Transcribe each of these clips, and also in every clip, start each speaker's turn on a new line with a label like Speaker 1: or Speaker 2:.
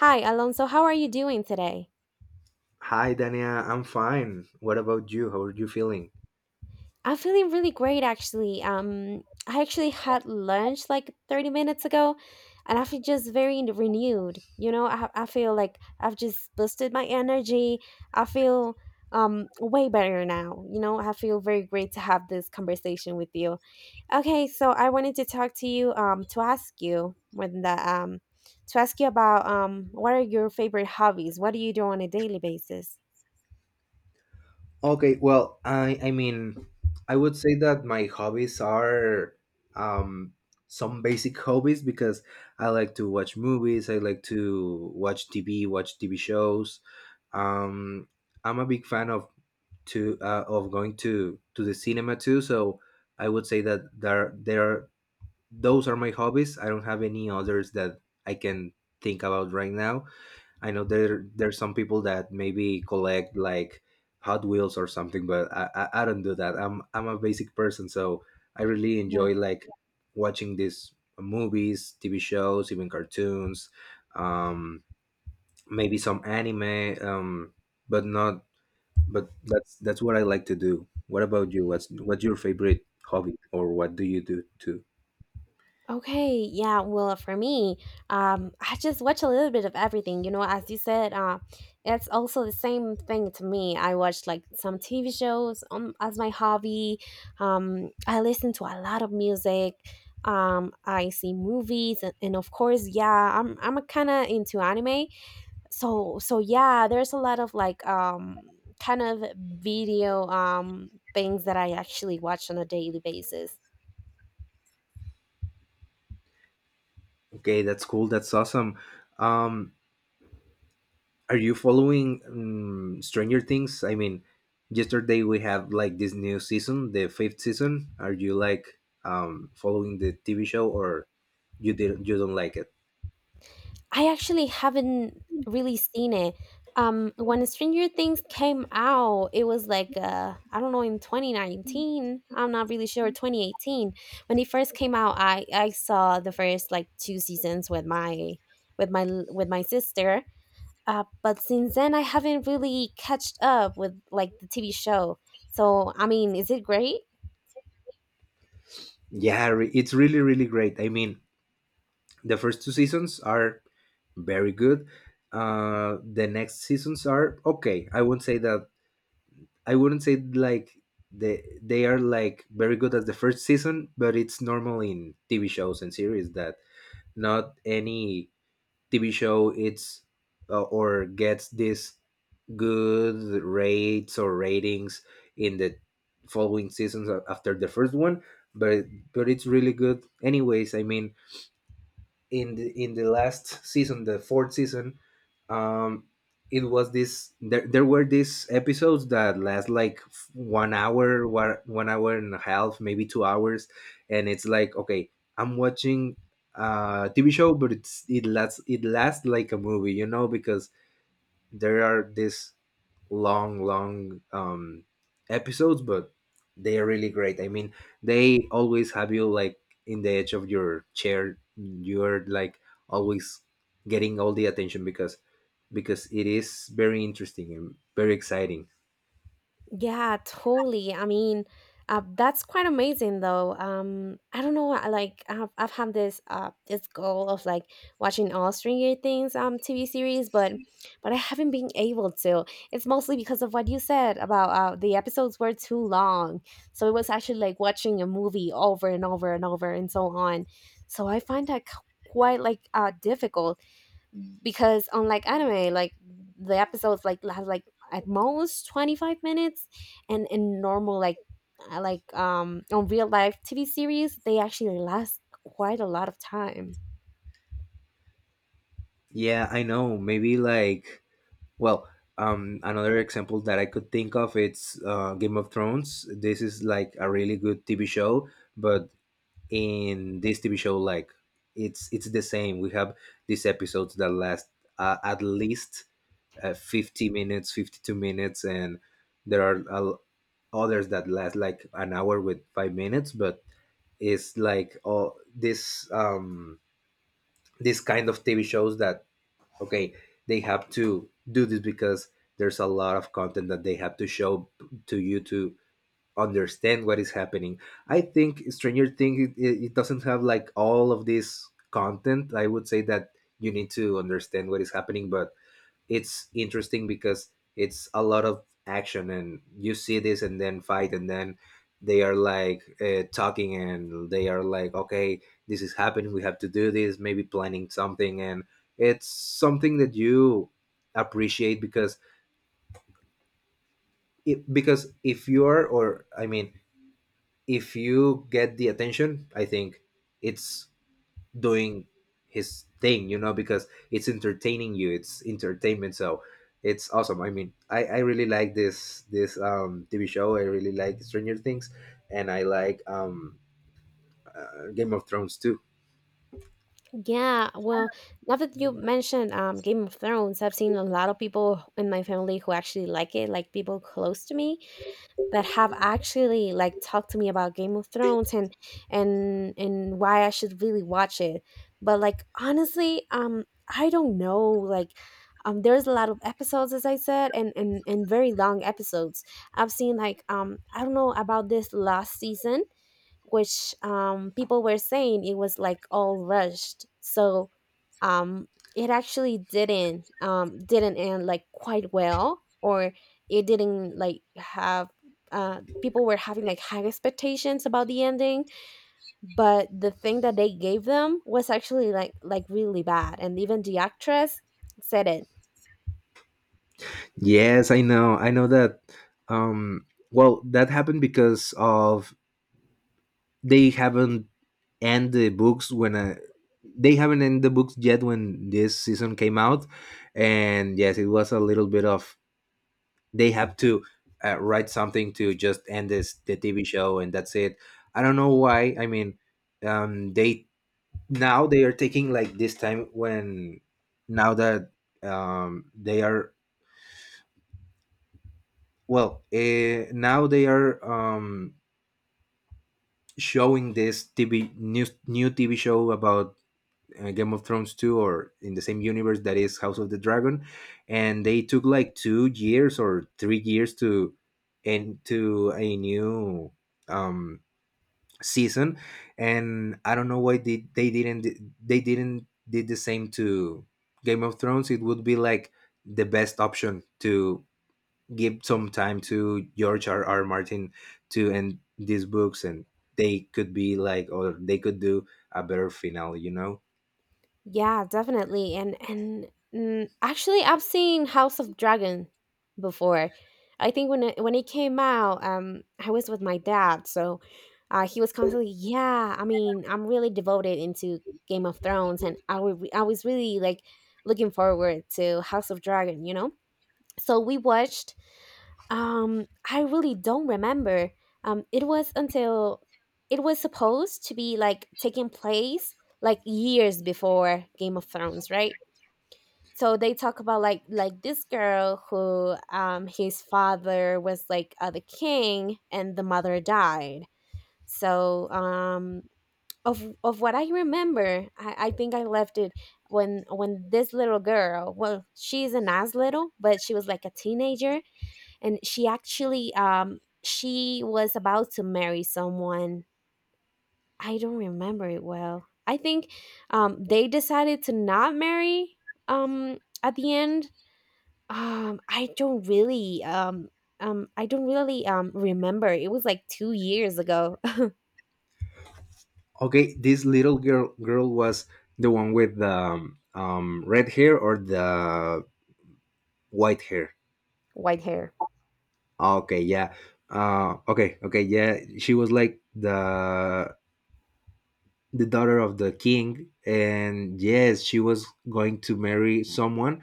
Speaker 1: Hi, Alonso. How are you doing today?
Speaker 2: Hi, Dania. I'm fine. What about you? How are you feeling?
Speaker 1: I'm feeling really great, actually. I actually had lunch like 30 minutes ago, and I feel just very renewed. You know, I feel like I've just boosted my energy. I feel way better now. You know, I feel very great to have this conversation with you. Okay, so I wanted to talk to you to ask you about what are your favorite hobbies? What do you do on a daily basis?
Speaker 2: Okay, well, I mean, I would say that my hobbies are um some basic hobbies because I like to watch movies, I like to watch TV, watch TV shows. Um I'm a big fan of going to the cinema too, so I would say that there those are my hobbies. I don't have any others that I can think about right now. I know there's some people that maybe collect like Hot Wheels or something, but I don't do that. I'm a basic person, so I really enjoy like watching these movies, TV shows, even cartoons, um, maybe some anime, but not. But that's what I like to do. What about you? What's your favorite hobby, or what do you do too?
Speaker 1: Okay, yeah, well, for me, I just watch a little bit of everything. You know, as you said, it's also the same thing to me. I watch like some TV shows as my hobby. I listen to a lot of music. I see movies, and of course, yeah, I'm kind of into anime. So yeah, there's a lot of like kind of video things that I actually watch on a daily basis.
Speaker 2: Okay, that's cool. That's awesome. Um, Are you following Stranger Things? I mean, yesterday we have like this new season, the fifth season. Are you like following the TV show, or you don't like it?
Speaker 1: I actually haven't really seen it. When Stranger Things came out, it was like I don't know, in 2019. I'm not really sure, 2018. When it first came out, I saw the first like two seasons with my with my with my sister. But since then, I haven't really catched up with like the TV show. So I mean, is it great?
Speaker 2: Yeah, it's really really great. I mean, the first two seasons are very good. The next seasons are okay. I won't say that. I wouldn't say like they are like very good as the first season, but it's normal in TV shows and series that not any TV show it's or gets this good rates or ratings in the following seasons after the first one, but but it's really good anyways. I mean, in the last season, the fourth season, um, it was this. There were these episodes that last like one hour, one hour and a half, maybe 2 hours, and it's like okay, I'm watching a TV show, but it lasts like a movie, because there are these long long episodes, but they are really great. I mean, they always have you like in the edge of your chair. You're like always getting all the attention because it is very interesting and very exciting.
Speaker 1: Yeah, totally. I mean, that's quite amazing, though. I don't know. I've had this goal of like watching all Stranger Things TV series, but I haven't been able to. It's mostly because of what you said about the episodes were too long, so it was actually like watching a movie over and over and over and so on. So I find quite like difficult because, unlike anime, like the episodes like has like at most 25 minutes, and in normal like on real life TV series, they actually last quite a lot of time.
Speaker 2: Yeah, I know. Maybe like, well, another example that I could think of, it's Game of Thrones. This is like a really good TV show, but in this TV show, like it's the same. We have these episodes that last at least 50 minutes, 52 minutes, and there are others that last like an hour with 5 minutes. But it's like all this kind of TV shows that okay, they have to do this because there's a lot of content that they have to show to you to understand what is happening. I think Stranger Things it doesn't have like all of this content. I would say that you need to understand what is happening, but it's interesting because it's a lot of action and you see this and then fight and then they are like talking and they are like okay, this is happening, we have to do this, maybe planning something. And it's something that you appreciate because because if you are, or I mean if you get the attention, I think it's doing his thing, because it's entertaining you. It's entertainment, so it's awesome. I mean, I really like this TV show. I really like Stranger Things, and I like Game of Thrones too.
Speaker 1: Yeah, well, now that you mentioned Game of Thrones, I've seen a lot of people in my family who actually like it, like people close to me that have actually like talked to me about Game of Thrones, and why I should really watch it. But like honestly, I don't know, like there's a lot of episodes, as I said, and very long episodes. I've seen like I don't know about this last season, which people were saying it was like all rushed. So um, it actually didn't end like quite well, or it didn't like have. People were having like high expectations about the ending, but the thing that they gave them was actually like really bad. And even the actress said it.
Speaker 2: Yes, I know. I know that. Um, well, that happened because of they haven't end the books they haven't end the books yet when this season came out. And yes, it was a little bit of they have to write something to just end this the TV show and that's it. I don't know why. I mean, they, now they are taking like this time when, now that they are, now they are showing this TV, new TV show about Game of Thrones 2, or in the same universe, that is House of the Dragon. And they took like 2 years or 3 years to into a new um season. And I don't know why they didn't, they didn't did the same to Game of Thrones. It would be like the best option to give some time to George R. R. Martin to end these books, and they could be like, or they could do a better finale.
Speaker 1: Yeah, definitely. And actually, I've seen House of Dragon before. I think when when it came out, I was with my dad, so he was constantly, yeah. I mean, I'm really devoted into Game of Thrones, and I was really like looking forward to House of Dragon. You know, so we watched I really don't remember. It was until it was supposed to be like taking place like years before Game of Thrones, right? So they talk about like this girl who his father was like the king, and the mother died. So of what I remember, I think I left it when this little girl, well, she's not as little, but she was like a teenager, and she actually she was about to marry someone. I don't remember it well. I think they decided to not marry at the end. Um I don't really remember. It was like 2 years ago.
Speaker 2: Okay, this little girl was the one with the red hair or the white hair.
Speaker 1: White hair.
Speaker 2: Okay, yeah. Okay, okay, yeah. She was like the daughter of the king, and yes, she was going to marry someone,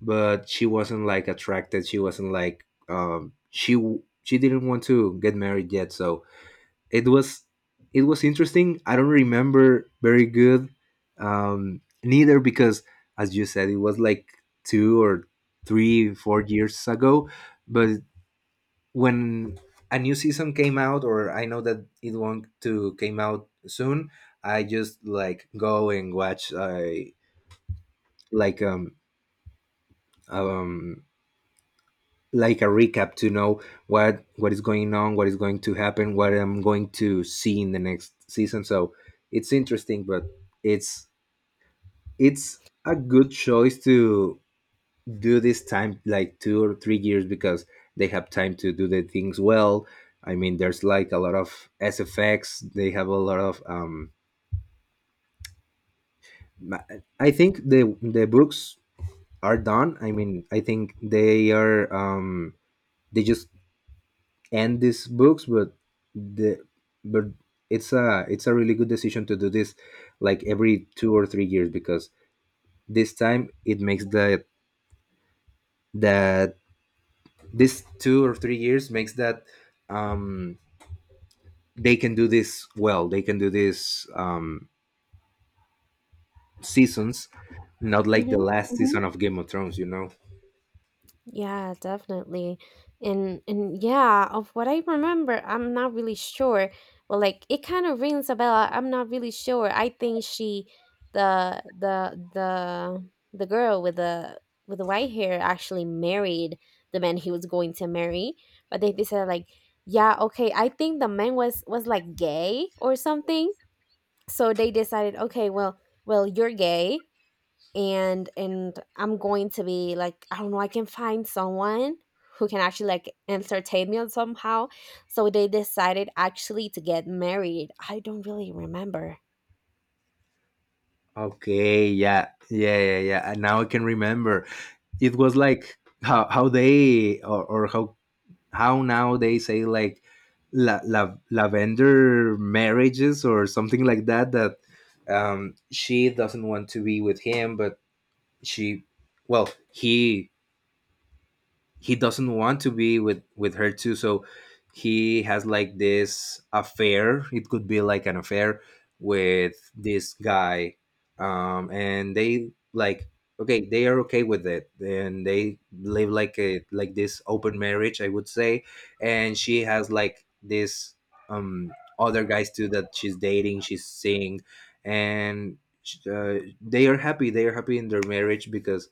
Speaker 2: but she wasn't like attracted. She wasn't like she didn't want to get married yet, so it was it was interesting. I don't remember very good, neither, because, as you said, it was like 2 or 3, 4 years ago. But when a new season came out, or I know that it won't to came out soon, I just like go and watch like um, um, like a recap to know what is going on, what is going to happen, what I'm going to see in the next season. So it's interesting, but it's it's a good choice to do this time like 2 or 3 years because they have time to do the things well. I mean, there's like a lot of SFX. They have a lot of. Ma- I think the books are done. I mean, I think they are. They just and these books, but the but it's a really good decision to do this like every 2 or 3 years because this time it makes that this 2 or 3 years makes that um they can do this well. They can do this seasons, not like the
Speaker 1: Hmm.
Speaker 2: last season of Game of Thrones.
Speaker 1: Yeah, definitely. And yeah, of what I remember, I'm not really sure. But like it kind of rings a bell. I'm not really sure. I think she the girl with the white hair actually married the man he was going to marry. But they decided like, yeah, okay, I think the man was like gay or something. So they decided, okay, well, well, you're gay, and I'm going to be like, I don't know, I can find someone who can actually like entertain me somehow. So they decided actually to get married. I don't really remember.
Speaker 2: Okay, yeah, yeah, yeah, yeah, and now I can remember. It was like how they, or how now they say like lavender marriages or something like that, she doesn't want to be with him, but she well he doesn't want to be with her too. So he has like this affair, it could be like an affair with this guy, and they like okay, they are okay with it. And they live like this open marriage, I would say. And she has like this other guys too that she's dating, she's seeing. And uh, they are happy in their marriage because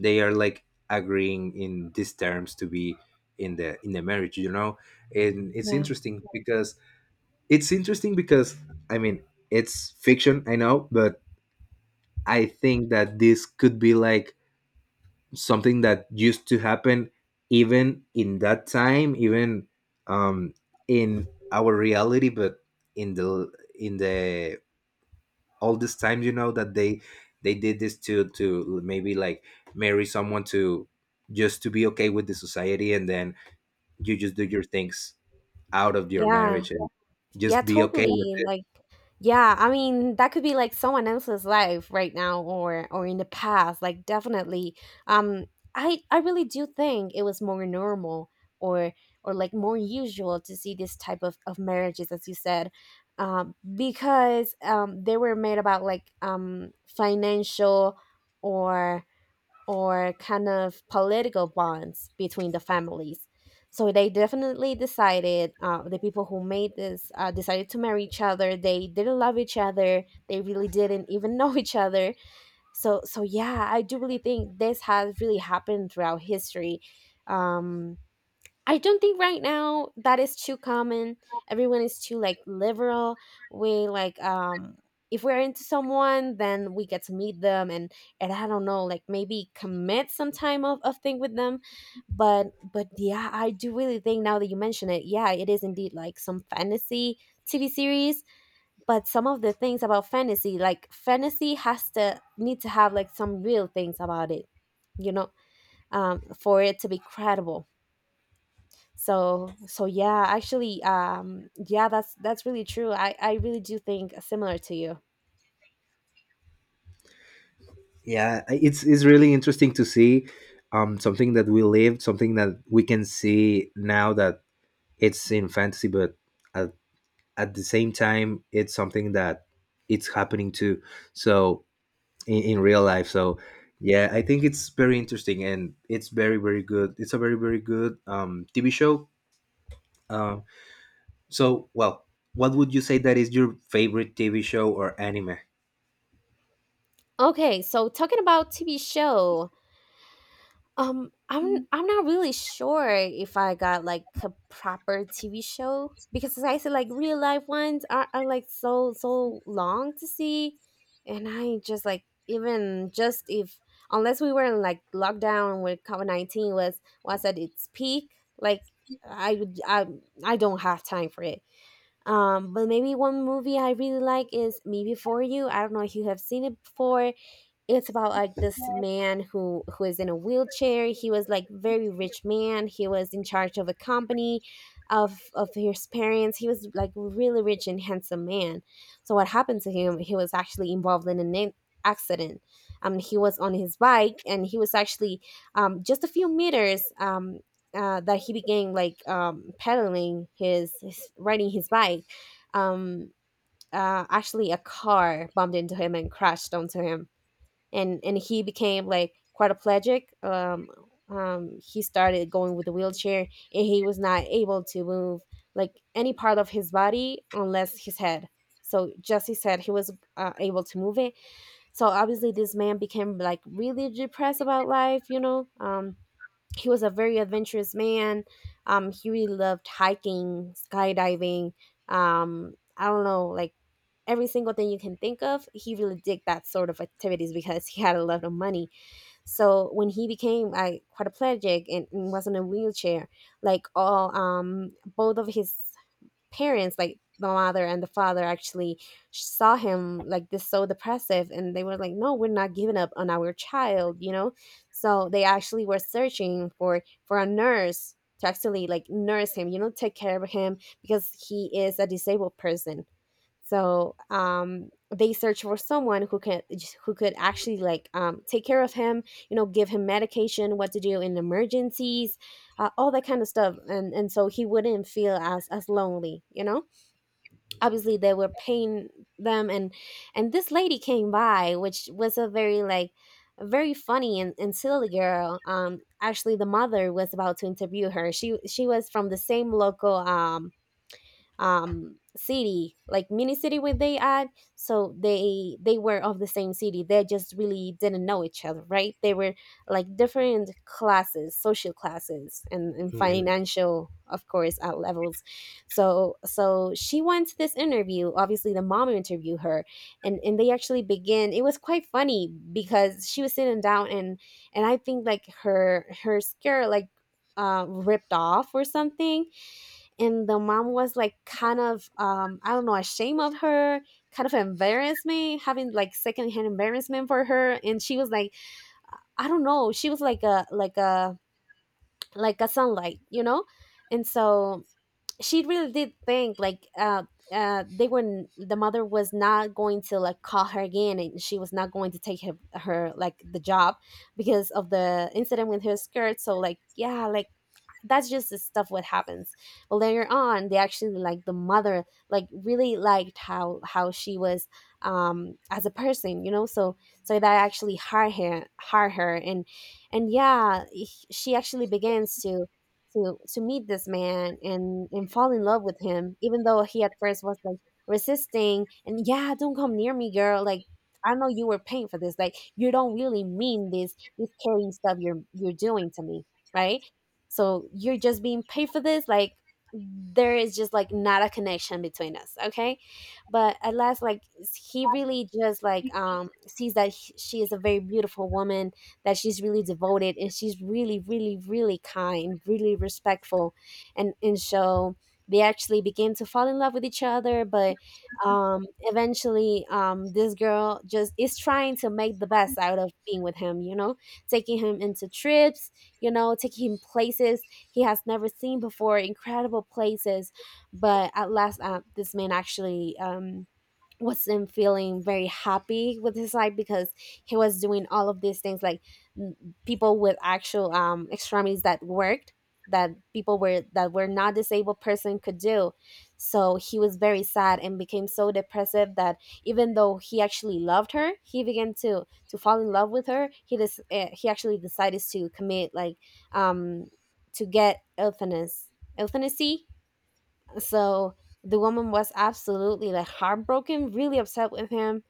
Speaker 2: they are like agreeing in these terms to be in the marriage. And it's
Speaker 1: Yeah,
Speaker 2: interesting because it's interesting because I mean it's fiction, I know, but I think that this could be like something that used to happen, even in that time, even um in our reality, but in the in the all these times, you know, that they did this to maybe like marry someone to, just to be okay with the society, and then you just do your things out of your
Speaker 1: yeah.
Speaker 2: marriage, and
Speaker 1: Yeah,
Speaker 2: just be okay with
Speaker 1: totally.
Speaker 2: it.
Speaker 1: Like, yeah, I mean, that could be like someone else's life right now, or in the past. Like, definitely. Um, I really do think it was more normal, or or like more usual, to see this type of marriages, as you said, because they were made about like financial or or kind of political bonds between the families. So they definitely decided, the people who made this decided to marry each other. They didn't love each other. They really didn't even know each other. So, so yeah, I do really think this has really happened throughout history. Um, I don't think right now that is too common. Everyone is too like liberal. We like if we're into someone, then we get to meet them, and I don't know, like maybe commit some time of thing with them. But yeah, I do really think, now that you mention it, yeah, it is indeed like some fantasy TV series. But some of the things about fantasy, like fantasy has to need to have like some real things about it, you know, for it to be credible. Yeah, actually, yeah, that's really true. I really do think similar to you.
Speaker 2: Yeah, it's really interesting to see something that we lived, something that we can see now that it's in fantasy, but at, at the same time it's something that it's happening too, so in real life. So yeah, I think it's very interesting and it's very very good. It's a very very good TV show. Um, so well, what would you say that is your favorite TV show or anime?
Speaker 1: Okay, so talking about TV show, um i'm I'm not really sure if I got like a proper TV show, because, as I said, like real life ones are like so so long to see. And I just like, even just if unless we were in like lockdown where COVID-19 was at its peak, like I would I don't have time for it. But maybe one movie I really like is *Me Before You. I don't know if you have seen it before. It's about like this man who is in a wheelchair. He was like very rich man. He was in charge of a company of his parents. He was like really rich and handsome man. So what happened to him? He was actually involved in accident. He was on his bike, and he was actually just a few meters that he began like pedaling his riding his bike. um actually a car bumped into him and crashed onto him, and he became like quadriplegic. He started going with a wheelchair, and he was not able to move like any part of his body unless his head. So Jesse said he was able to move it. So obviously, this man became like really depressed about life. You know, he was a very adventurous man. He really loved hiking, skydiving. I don't know, like every single thing you can think of, he really did that sort of activities because he had a lot of money. So when he became like quadriplegic, and was in a wheelchair, like all both of his parents, like the mother and the father, actually saw him like this, so depressive, and they were like, no, we're not giving up on our child, you know. So they actually were searching for a nurse to actually like nurse him, you know, take care of him, because he is a disabled person. So they searched for someone who can, who could actually like take care of him, you know, give him medication, what to do in emergencies, all that kind of stuff, and so he wouldn't feel as lonely, you know. Obviously, they were paying them, and this lady came by, which was a very like a very funny, and silly girl. Actually, the mother was about to interview her. She was from the same local city, like mini city where they at. So they were of the same city. They just really didn't know each other, right? They were like different classes, social classes, and
Speaker 2: Mhm.
Speaker 1: financial, of course, at levels. So she went to this interview. Obviously, the mom interviewed her, and they actually began. It was quite funny because she was sitting down, and I think like her skirt, like, ripped off or something. And the mom was like kind of, I don't know, ashamed of her, kind of embarrassment, having like secondhand embarrassment for her. And she was like, I don't know, she was like a sunlight, you know. And so she really did think like, the mother was not going to like call her again, and she was not going to take her like the job because of the incident with her skirt. So like, yeah, like, that's just the stuff what happens. But later on they actually, like, the mother like really liked how she was, as a person, you know. So that actually hurt her. And yeah, she actually begins to meet this man, and fall in love with him, even though he at first was like resisting. And yeah, "Don't come near me, girl," like, "I know you were paying for this. Like, you don't really mean this caring stuff you're doing to me, right? So you're just being paid for this, like, there is just like not a connection between us, okay." But at last, like, he really just like sees that she is a very beautiful woman, that she's really devoted, and she's really, really, really kind, really respectful. And so they actually begin to fall in love with each other. But eventually, this girl just is trying to make the best out of being with him, you know, taking him into trips, you know, taking him places he has never seen before, incredible places. But at last, this man actually, wasn't feeling very happy with his life because he was doing all of these things, like, n- people with actual, extremities that worked, that people were, that were not disabled person could do. So he was very sad and became so depressive that, even though he actually loved her, he began to fall in love with her. He just, he actually decided to commit like, um to get euthanasia. So the woman was absolutely like heartbroken, really upset with him.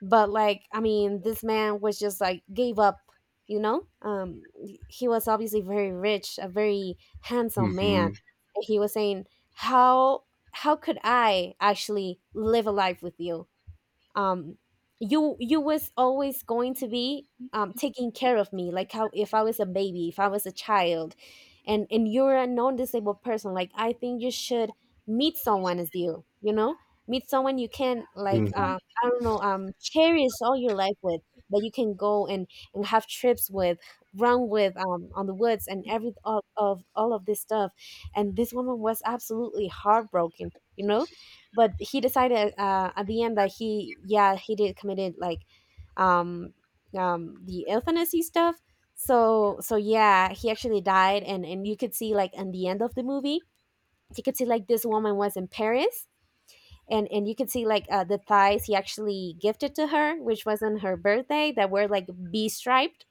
Speaker 1: But like, I mean, this man was just like gave up, you know? He was obviously very rich, a very handsome man.
Speaker 2: Mhm.
Speaker 1: And he was saying, How how could I actually live a life with you? um you was always going to be, taking care of me like how, if I was a baby, if I was a child, and you're a non-disabled person. Like, I think you should meet someone as you, you know, meet someone you can
Speaker 2: Mhm.
Speaker 1: like, I don't know, cherish all your life with, that you can go and have trips with, run with, on the woods, and every, all of this stuff." And this woman was absolutely heartbroken, you know. But he decided, at the end, that he, yeah, he did committed like, um the euthanasia stuff. So, yeah, he actually died. And you could see, like, in the end of the movie, you could see like this woman was in Paris, and you could see like, the thighs he actually gifted to her, which was on her birthday, that were like b striped,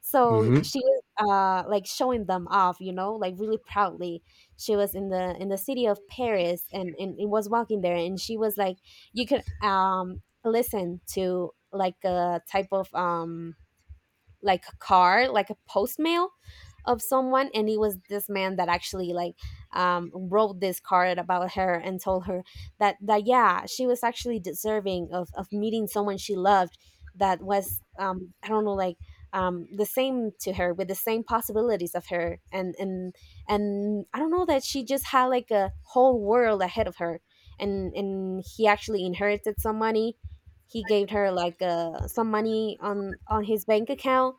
Speaker 1: so
Speaker 2: Mhm.
Speaker 1: she was, like, showing them off, you know, like, really proudly. She was in the city of Paris, and was walking there, and she was like, you could, listen to like a type of, like a card, like a post mail of someone, and it was this man that actually like, wrote this card about her and told her that, yeah, she was actually deserving of meeting someone she loved, that was, I don't know, like, the same to her, with the same possibilities of her, and, and I don't know, that she just had like a whole world ahead of her. And he actually inherited some money. He gave her like, some money on his bank account.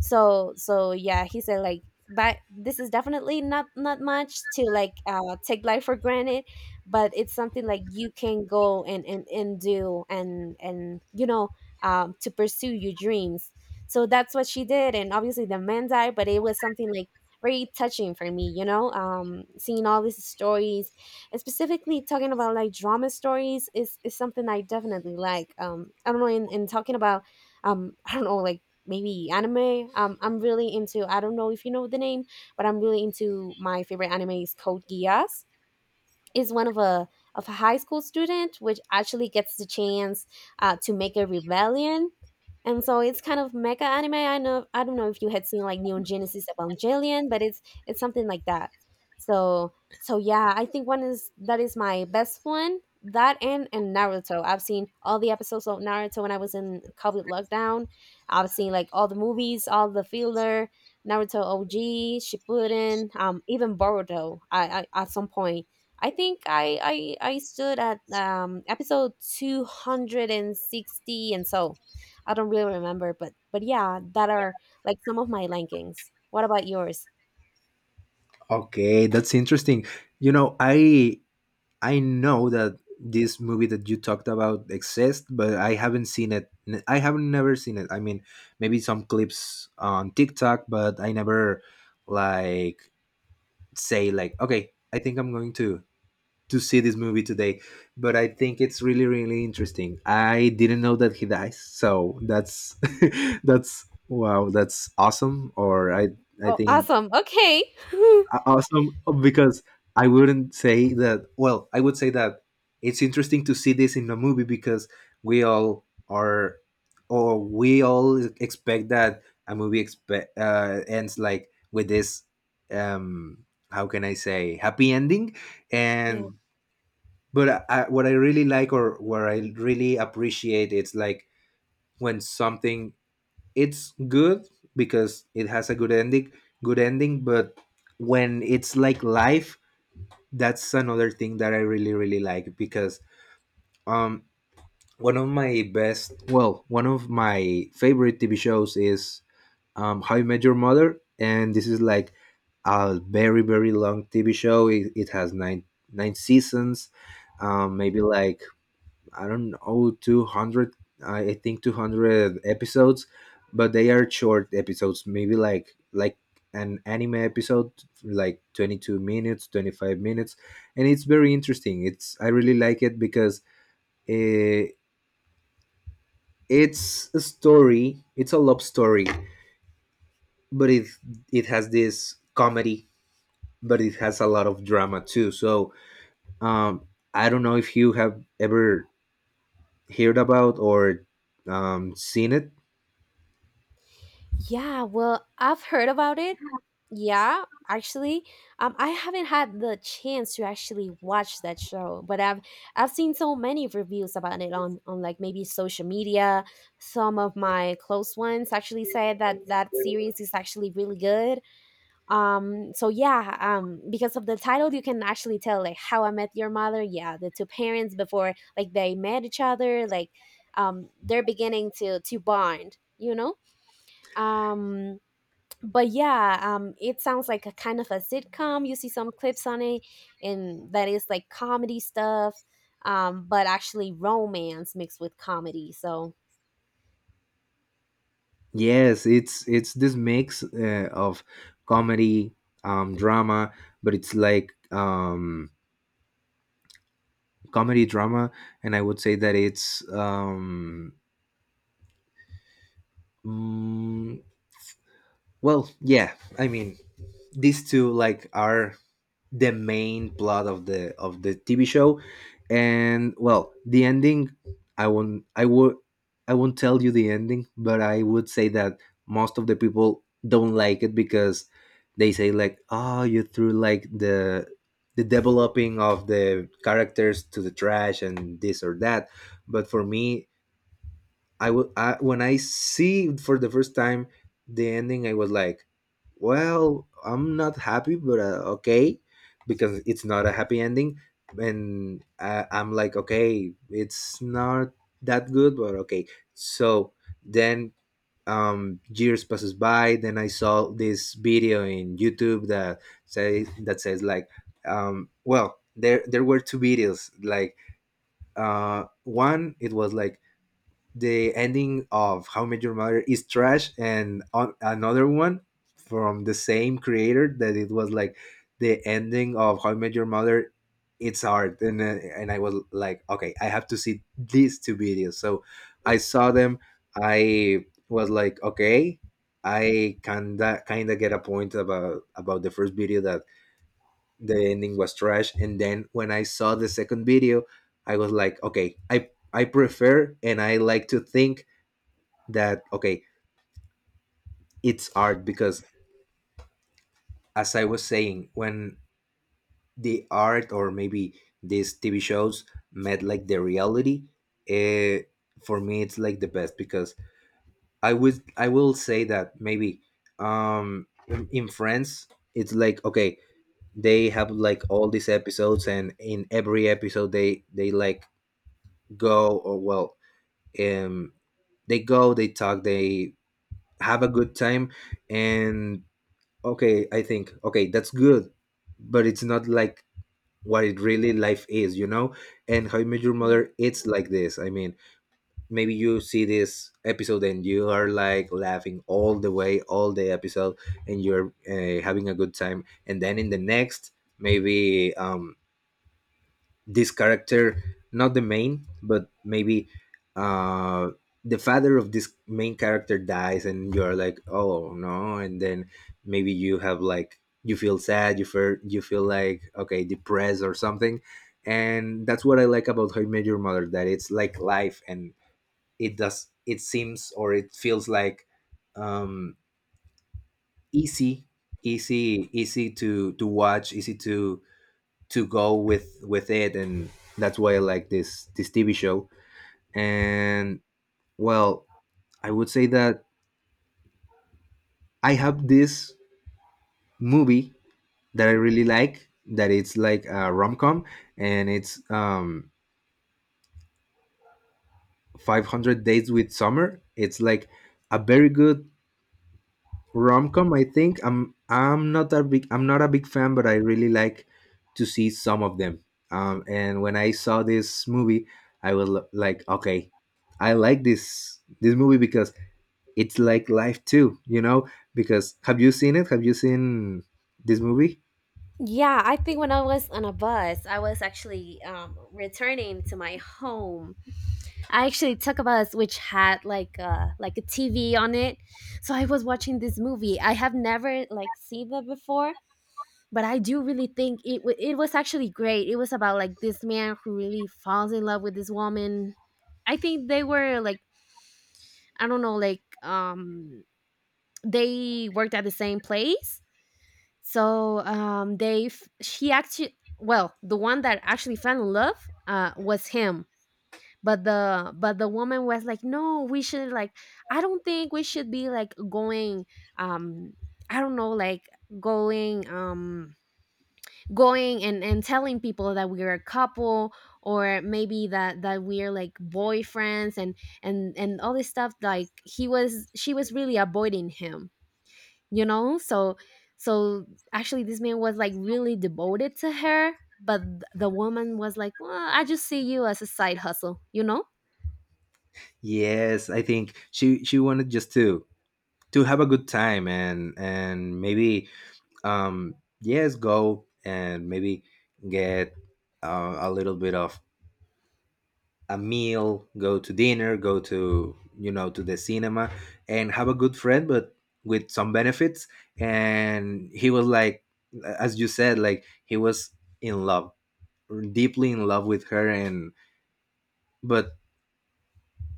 Speaker 1: So, yeah, he said like, "But this is definitely not much to like, take life for granted, but it's something like you can go and do, and you know, to pursue your dreams." So that's what she did. And obviously the man died, but it was something like very touching for me, you know, seeing all these stories. And specifically talking about like drama stories is something I definitely like, I don't know, in talking about, I don't know, like maybe anime, I'm really into, I don't know if you know the name, but I'm really into, my favorite anime is Code Geass. Is one of a high school student which actually gets the chance, to make a rebellion. And so it's kind of mecha anime, I know, I don't know if you had seen like Neon Genesis Evangelion, but it's something like that. So, yeah, I think one is, that is my best one, that and Naruto. I've seen all the episodes of Naruto when I was in COVID lockdown. I've seen like all the movies, all the filler, Naruto OG, Shippuden, even Boruto. I, at some point, I think I stood at, episode 260 and 60, and so I don't really remember, but yeah, that are like some of my rankings. What about yours?
Speaker 2: Okay, that's interesting. You know, I know that this movie that you talked about exists, but I haven't seen it. I haven't never seen it. I mean, maybe some clips on TikTok, but I never like say like okay, I think I'm going to see this movie today. But I think it's really really interesting. I didn't know that he dies, so that's that's wow, that's awesome. Or I
Speaker 1: Oh,
Speaker 2: think
Speaker 1: awesome. Okay.
Speaker 2: awesome because I wouldn't say that. Well, I would say that it's interesting to see this in a movie because we all are, we all expect that a movie expect ends like with this. Um, how can I say happy ending?
Speaker 1: Yeah.
Speaker 2: And but what I really like, or what I really appreciate, it's like when something it's good because it has a good ending, but when it's like life, that's another thing that I really really like. Because um one of my best well one of my favorite TV shows is How You Met Your Mother, and this is like a very very long TV show. It has nine seasons, maybe like, I don't know, I think 200 episodes, but they are short episodes, maybe like an anime episode, like 22 minutes, 25 minutes, and it's very interesting. It's I really like it because uh, it's a story, it's a love story, but it has this comedy, but it has a lot of drama too. So, um I don't know if you have ever heard about or seen it.
Speaker 1: Yeah, well, I've heard about it. Yeah, actually, I haven't had the chance to actually watch that show, but I've seen so many reviews about it on like maybe social media. Some of my close ones actually said that that series is actually really good. So yeah, because of the title, you can actually tell, like, "How I Met Your Mother." Yeah, the two parents before like they met each other, like, they're beginning to bond. You know. Um, but yeah, it sounds like a kind of a sitcom. You see some clips on it, and that is like comedy stuff, but actually romance mixed with comedy. So
Speaker 2: Yes, it's this mix of comedy, drama, but it's like comedy drama, and I would say that it's mm, well, yeah. I mean, these two like are the main plot of the TV show, and well, the ending. I won't. I would. I won't tell you the ending, but I would say that most of the people don't like it because they say like, "Oh, you threw like the developing of the characters to the trash and this or that." But for me, when I see for the first time the ending, I was like, "Well, I'm not happy, but okay," because it's not a happy ending, and I'm like, "Okay, it's not that good, but okay." So then, years passes by. Then I saw this video in YouTube that says like, "Well, there were two videos like." uh One it was like the ending of How I Met Your Mother is trash, and on another one from the same creator that it was like the ending of How I Met Your Mother, it's art. And I was like, okay, I have to see these two videos. So I saw them. I was like, okay, I kinda get a point about the first video, that the ending was trash, and then when I saw the second video, I was like, okay, I prefer and I like to think that okay, it's art, because as I was saying, when the art or maybe these TV shows met like the reality, eh, for me it's like the best. Because I would, I will say that maybe um in France it's like, okay, they have like all these episodes, and in every episode they like go or well, um they go, they talk, they have a good time, and okay, I think, okay, that's good, but it's not like what it really life is, you know. And How You Met Your
Speaker 1: yeah.
Speaker 2: Mother, it's like this. I mean, maybe you see this episode and you are like laughing all the way, all the episode, and you're having a good time, and then in the next, maybe this character, not the main, but maybe uh the father of this main character dies, and you're like, oh no. And then maybe you have like you feel sad, you feel, you feel like, okay, depressed or something. And that's what I like about How I Met Your Mother, that it's like life, and it does, it seems or it feels like um easy, easy to watch, easy to go with it, and that's why I like this TV show. And well, I would say that I have this movie that I really like, that it's like a rom com, and it's 500 Days with Summer. It's like a very good rom-com. I think I'm not a big fan, but I really like to see some of them. And when I saw this movie, I was like, okay, I like this movie because it's like life too, you know. Because have you seen it? Have you seen this movie?
Speaker 1: Yeah, I think when I was on a bus, I was actually, returning to my home. I actually took a bus which had like a, TV on it, so I was watching this movie. I have never like seen that before, but I do really think it was actually great. It was about like this man who really falls in love with this woman. I think they were like, I don't know, like, they worked at the same place. So, they she actually, well, the one that actually fell in love, was him. But the woman was like, "No, we should like, I don't think we should be like going, um I don't know, like going, going, and telling people that we're a couple, or maybe that that we're like boyfriends," and all this stuff. Like, he was, she was really avoiding him, you know. So so actually this man was like really devoted to her, but the woman was like, "Well, I just see you as a side hustle, you know,
Speaker 2: Yes, I think she wanted just to have a good time, and maybe um yes, go and maybe get a little bit of a meal, go to dinner, go to you know to the cinema, and have a good friend, but with some benefits. And he was like, as you said, like he was in love, deeply in love with her. And but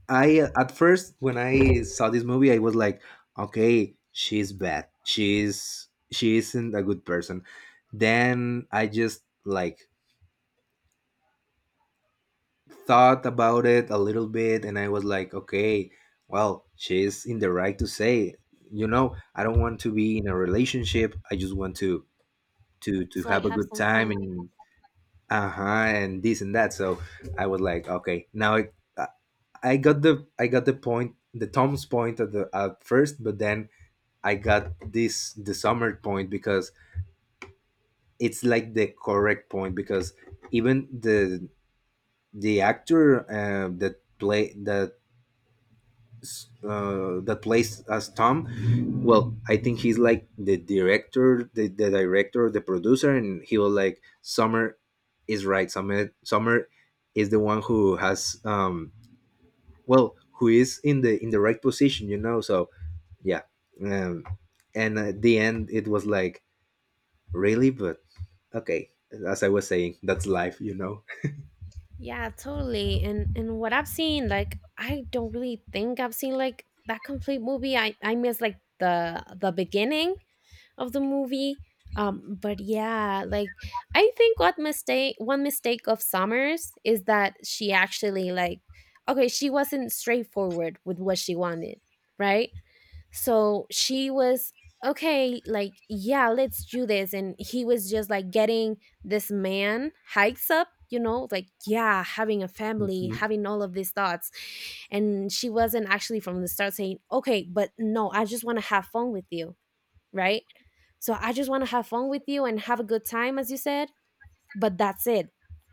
Speaker 2: I at first when I saw this movie, I was like, okay, she's bad. She isn't a good person. Then I just like thought about it a little bit, and I was like, okay, well, she's in the right to say, you know, I don't want to be in a relationship. I just want to
Speaker 1: so I
Speaker 2: have a
Speaker 1: have
Speaker 2: good
Speaker 1: some
Speaker 2: time,
Speaker 1: fun."
Speaker 2: and uh-huh, and this and that. So I was like, okay, now it, I got the point, the Tom's point at the at first, but then I got this the Summer point because it's like the correct point, because even the actor that play that that plays as Tom. Well, I think he's like the director, the director, the producer, and he was like, Summer is right. Summer is the one who has well, who is in the right position, you know. So yeah, um, and at the end it was like really, but okay. As I was saying, that's life, you know.
Speaker 1: Yeah, totally. And what I've seen, like, I don't really think I've seen like that complete movie. I miss like the beginning of the movie. But yeah, like, I think what mistake one mistake of Summers is that she actually like, okay, she wasn't straightforward with what she wanted, right? So she was, "Okay, like yeah, let's do this," and he was just like getting this man hikes up, you know, like, yeah, having a family,
Speaker 2: Mhm.
Speaker 1: having all of these thoughts, and she wasn't actually from the start saying, "Okay, but no, I just want to have fun with you, right? So I just want to have fun with you and have a good time, as you said, but that's it.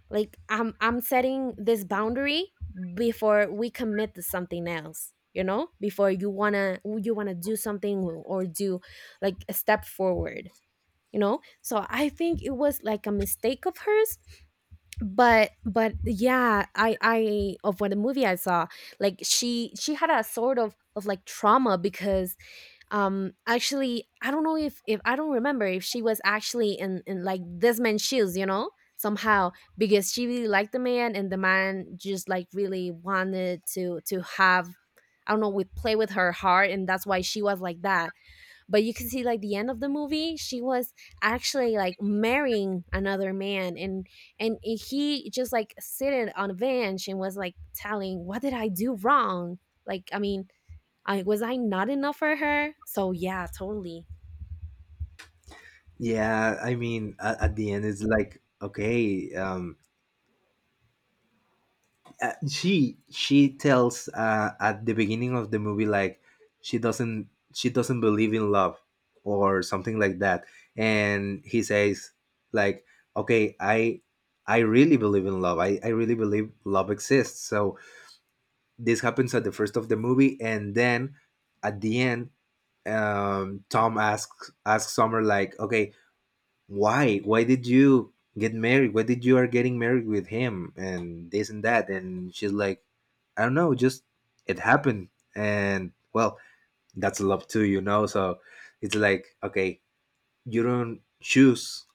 Speaker 1: Like, I'm setting this boundary before we commit to something else, you know? Before you want to do something, or do like a step forward, you know? So I think it was like a mistake of hers, but yeah, I of what the movie I saw, like she had a sort of like trauma because actually I don't know if I don't remember if she was actually in like this man's shoes, you know, somehow. Because she really liked the man, and the man just like really wanted to have, I don't know, with play with her heart, and that's why she was like that. But you can see like the end of the movie, she was actually like marrying another man, and he just like sitting on a bench and was like telling, what did I do wrong? like i mean I was I not enough for her? So yeah, totally.
Speaker 2: Yeah, I mean, at the end it's like okay. She tells at the beginning of the movie like she doesn't, she doesn't believe in love or something like that, and he says like, okay, I really believe in love, I really believe love exists. So this happens at the first of the movie, and then at the end, Tom asks Summer, like, okay, why did you get married, why did you are getting married with him, and this and that, and she's like, I don't know, just it happened. And well, that's love too, you know. So it's like, okay, you don't choose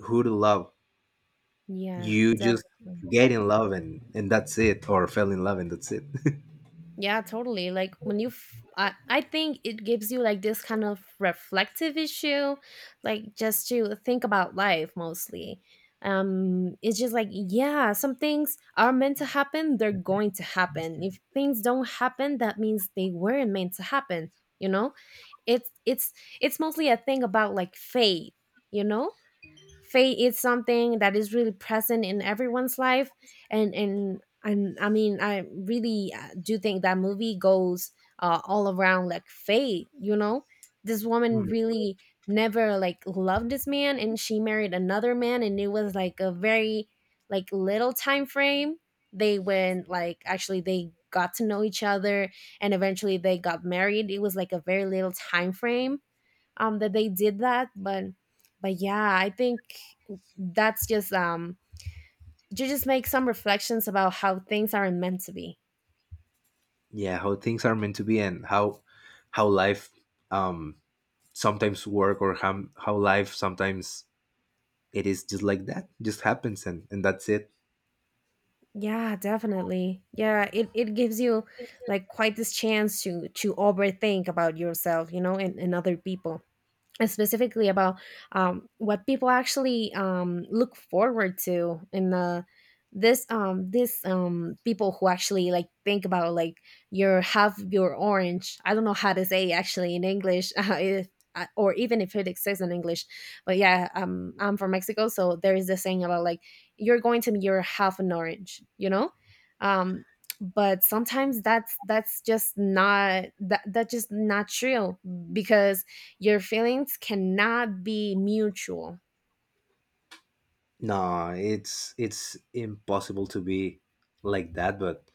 Speaker 2: who to love,
Speaker 1: Yeah,
Speaker 2: you just
Speaker 1: definitely.
Speaker 2: get in love and that's it, or fell in love and that's it.
Speaker 1: Yeah, totally. Like when I think it gives you like this kind of reflective issue, like just to think about life mostly. It's just like yeah, some things are meant to happen, they're going to happen. If things don't happen, that means they weren't meant to happen, you know? It's it's mostly a thing about like fate, you know? Faith is something that is really present in everyone's life, and I mean I really do think that movie goes all around like faith, you know. This woman
Speaker 2: Mm.
Speaker 1: really never like loved this man, and she married another man, and it was like a very like little time frame. They went, like actually they got to know each other, and eventually they got married. It was like a very little time frame that they did that, but yeah, I think that's just, you just make some reflections about how things aren't meant to be.
Speaker 2: Yeah, how things are meant to be and how life um sometimes work, or how life sometimes it is just like that, just happens and that's it.
Speaker 1: Yeah, definitely. Yeah, it gives you like quite this chance to overthink about yourself, you know, and other people, specifically about what people actually look forward to in the this this people who actually like think about like your half your orange. I don't know how to say actually in English, if, or even if it exists in English. But yeah, I'm from Mexico, so there is this saying about like, you're going to be your half an orange, you know. um but sometimes that's just not that that's just not true, because your feelings cannot be mutual.
Speaker 2: No, it's it's impossible to be like that, but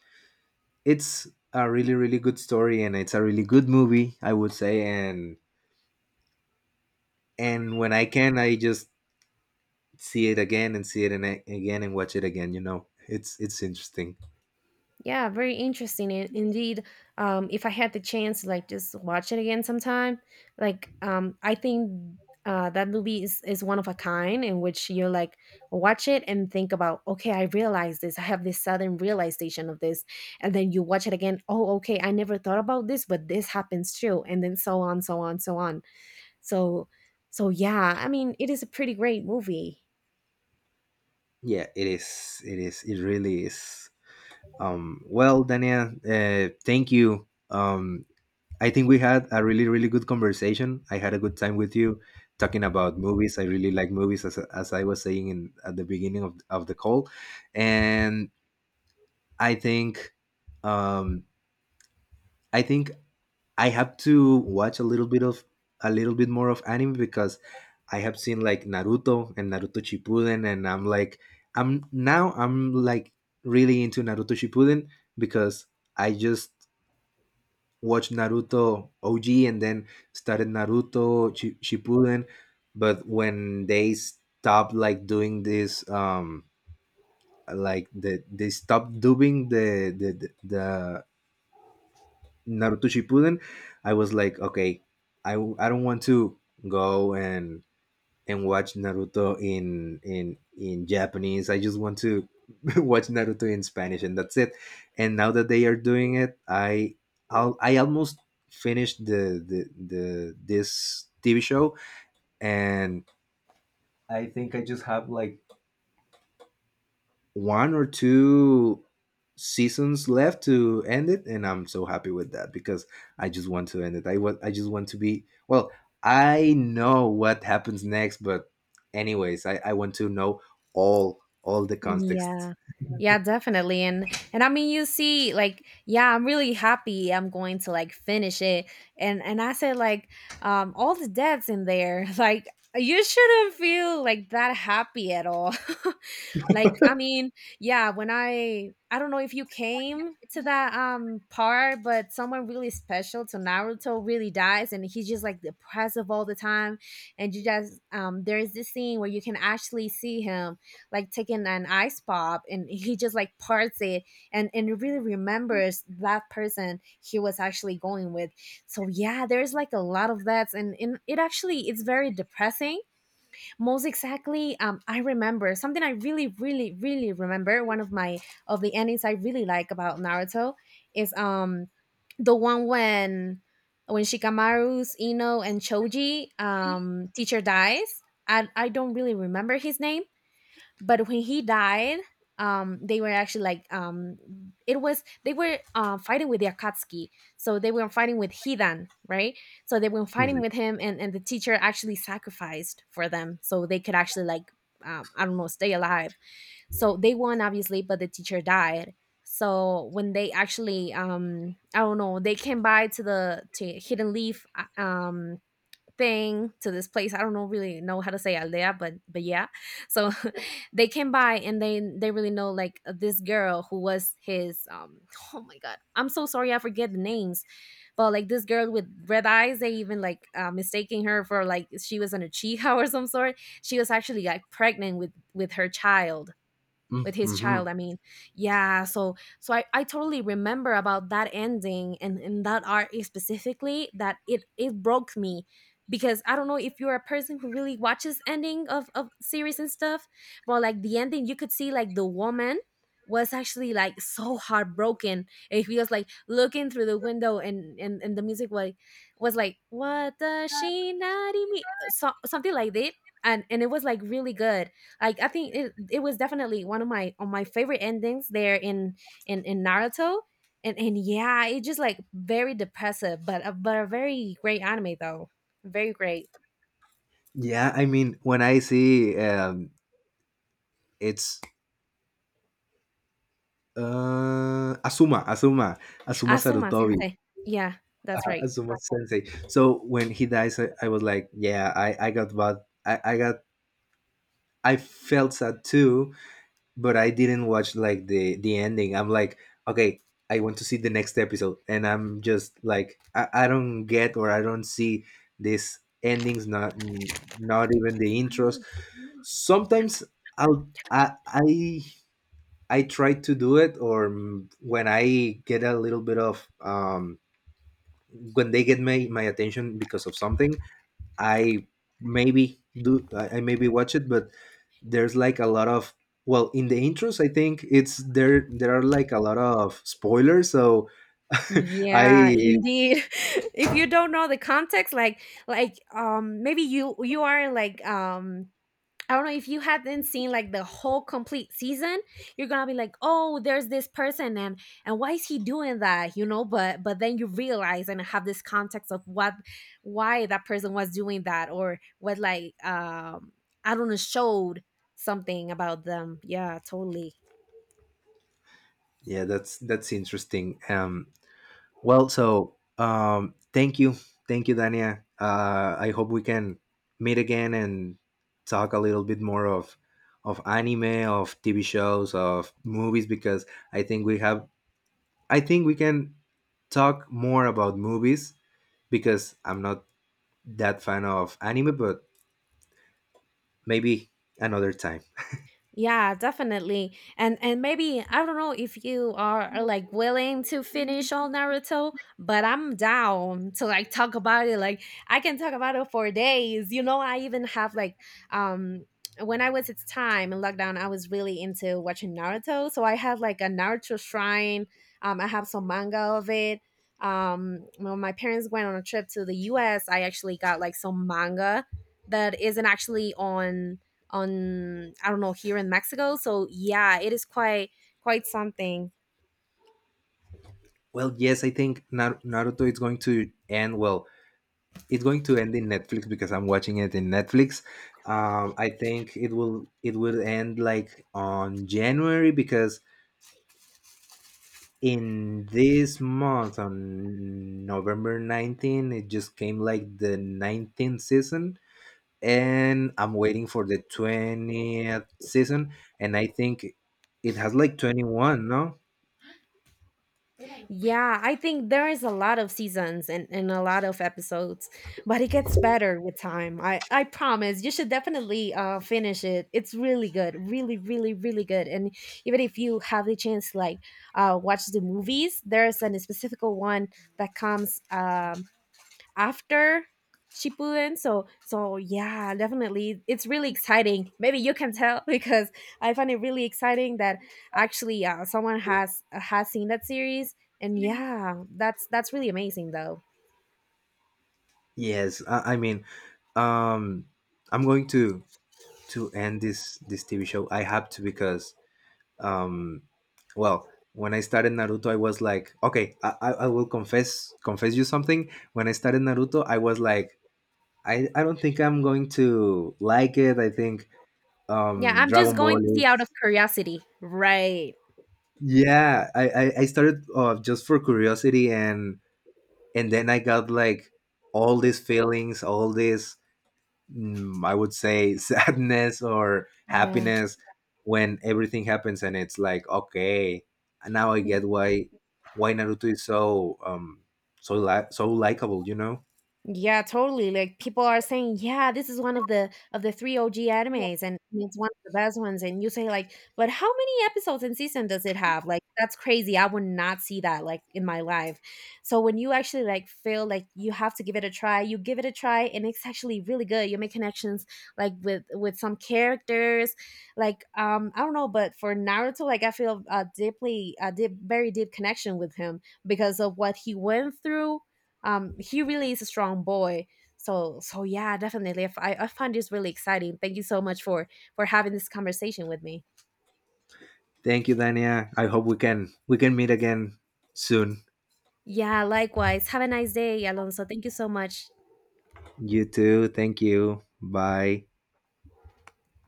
Speaker 2: it's a really really good story, and it's a really good movie, I would say. and and when I can, I just see it again and see it and again, and watch it again, you know, it's interesting.
Speaker 1: Yeah, very interesting indeed. If I had the chance, like just watch it again sometime. Like, I think that movie is one of a kind in which you're like watch it and think about, okay, I realize this. I have this sudden realization of this, and then you watch it again. Oh, okay, I never thought about this, but this happens too, and then so on, so on, so on. So, so yeah, I mean, it is a pretty great movie.
Speaker 2: Yeah, it is, it is, it really is. Well, Dania, thank you. Um, I think we had a really, really good conversation. I had a good time with you talking about movies. I really like movies, as I was saying in, at the beginning of the call. And I think, um, I think I have to watch a little bit of a little bit more of anime, because I have seen like Naruto and Naruto Shippuden, and I'm like, I'm now I'm like really into Naruto Shippuden because I just watched Naruto OG and then started Naruto Shippuden. But when they stopped like doing this, like they stopped dubbing the Naruto Shippuden, I was like, okay, I don't want to go and watch Naruto in Japanese. I just want to watch Naruto in Spanish, and that's it. And now that they are doing it, I'll, I almost finished the this TV show, and I think I just have like one or two seasons left to end it. And I'm so happy with that because I just want to end it. I just want to be, well, I know what happens next, but anyways, I want to know all the context.
Speaker 1: Yeah. Yeah, definitely. And I mean you see like yeah, I'm really happy I'm going to like finish it. And I said like, all the deaths in there, like you shouldn't feel like that happy at all. Like, I mean, yeah, when I don't know if you came to that part, but someone really special to Naruto really dies, and he's just like depressive all the time. And you just there's this scene where you can actually see him like taking an ice pop and he just like parts it, and it really remembers that person he was actually going with. So yeah, there's like a lot of that, and it actually it's very depressing most exactly. I remember something, I really really really remember one of my of the endings I really like about Naruto is the one when Shikamaru's Ino and Choji teacher dies. I don't really remember his name, but when he died, they were actually like it was they were fighting with the Akatsuki. So they were fighting with Hidan, right? So they were
Speaker 2: Hmm.
Speaker 1: fighting with him, and the teacher actually sacrificed for them, so they could actually like I don't know, stay alive. So they won obviously, but the teacher died. So when they actually I don't know, they came by to the to Hidden Leaf, thing, to this place, I don't know, really know how to say aldea, but yeah. So they came by and they really know like this girl who was his oh my god, I'm so sorry, I forget the names, but like this girl with red eyes, they even like mistaking her for like she was an Achiha, or some sort. She was actually like pregnant with her child, with his
Speaker 2: Hmm.
Speaker 1: child I mean. Yeah, so so I totally remember about that ending, and that art specifically, that it broke me, because I don't know if you're a person who really watches ending of series and stuff. But like the ending, you could see like the woman was actually like so heartbroken, and he was like looking through the window, and the music was like, what does she not mean so, something like that. And it was like really good. Like I think it was definitely one of my on my favorite endings there in in Naruto, and yeah, it just like very depressive, but but a very great anime though, very great.
Speaker 2: Yeah, I mean when I see it's Asuma Asuma
Speaker 1: Asuma
Speaker 2: Sarutobi,
Speaker 1: Sensei, yeah, that's right.
Speaker 2: Asuma Sensei. So when he dies, I was like, yeah, I got what I got. I felt sad too, but I didn't watch like the ending. I'm like, okay, I want to see the next episode, and I'm just like, I don't get or I don't see these endings, not not even the intros.
Speaker 1: Oh, yeah.
Speaker 2: Sometimes I'll I I, I try to do it, or when I get a little bit of when they get my my attention because of something, I maybe do I maybe watch it, but there's like a lot of, well, in the intros, I think it's there, there are like a lot of spoilers, so
Speaker 1: Yeah,
Speaker 2: I
Speaker 1: indeed. If you don't know the context, like maybe you you are like I don't know, if you hadn't seen like the whole complete season, you're gonna be like, oh, there's this person, and why is he doing that? You know, but then you realize and have this context of what why that person was doing that, or what like I don't know, showed something about them. Yeah, totally.
Speaker 2: yeah, that's interesting. Well, so thank you, thank you, Dania. I hope we can meet again and talk a little bit more of anime, of TV shows, of movies, because I think we have, I think we can talk more about movies, because I'm not that fan of anime, but maybe another time.
Speaker 1: Yeah, definitely. And maybe I don't know if you are like willing to finish all Naruto, but I'm down to like talk about it. Like I can talk about it for days. You know, I even have like um when I was its time in lockdown, I was really into watching Naruto. So I had like a Naruto shrine. Um, I have some manga of it. Um, when my parents went on a trip to the US, I actually got like some manga that isn't actually on I don't know, here in Mexico. So yeah, it is quite quite something.
Speaker 2: Well, yes, I think Naruto is going to end. Well, it's going to end in Netflix because I'm watching it in Netflix. I think it will end like on January, because in this month on November 19, it just came like the 19th season, and I'm waiting for the 20th season, and I think it has like 21, no?
Speaker 1: Yeah, I think there is a lot of seasons, and a lot of episodes, but it gets better with time. I promise, you should definitely finish it. It's really good, really really really good. And even if you have the chance, like watch the movies, there's an specific one that comes after Shippuden. So so yeah, definitely it's really exciting. Maybe you can tell because I find it really exciting that actually someone has seen that series. And yeah, that's really amazing though.
Speaker 2: Yes, I mean, um, I'm going to end this this TV show. I have to because, um, well, when I started Naruto, I was like, okay, I will confess you something. When I started Naruto, I was like, I don't think I'm going to like it. I think
Speaker 1: Yeah, I'm just
Speaker 2: Dragon Ball
Speaker 1: going to see out of
Speaker 2: is,
Speaker 1: curiosity. Right.
Speaker 2: yeah. I started just for curiosity, and then I got like all these feelings, all these I would say sadness or
Speaker 1: Yeah.
Speaker 2: happiness, when everything happens, and it's like, okay, now I get why Naruto is so so so likable, you know.
Speaker 1: Yeah, totally. Like people are saying, "Yeah, this is one of the 3 OG animes, and it's one of the best ones." And you say like, "But how many episodes and season does it have?" Like that's crazy. I would not see that like in my life. So when you actually like feel like you have to give it a try, you give it a try, and it's actually really good. You make connections like with some characters. Like I don't know, but for Naruto like I feel a deeply a deep very deep connection with him, because of what he went through. He really is a strong boy. So so yeah, definitely, if I find this really exciting, thank you so much for having this conversation with me.
Speaker 2: Thank you, Dania, I hope we can meet again soon.
Speaker 1: Yeah, likewise, have a nice day, Alonso. Thank you so much.
Speaker 2: You too, thank you, bye.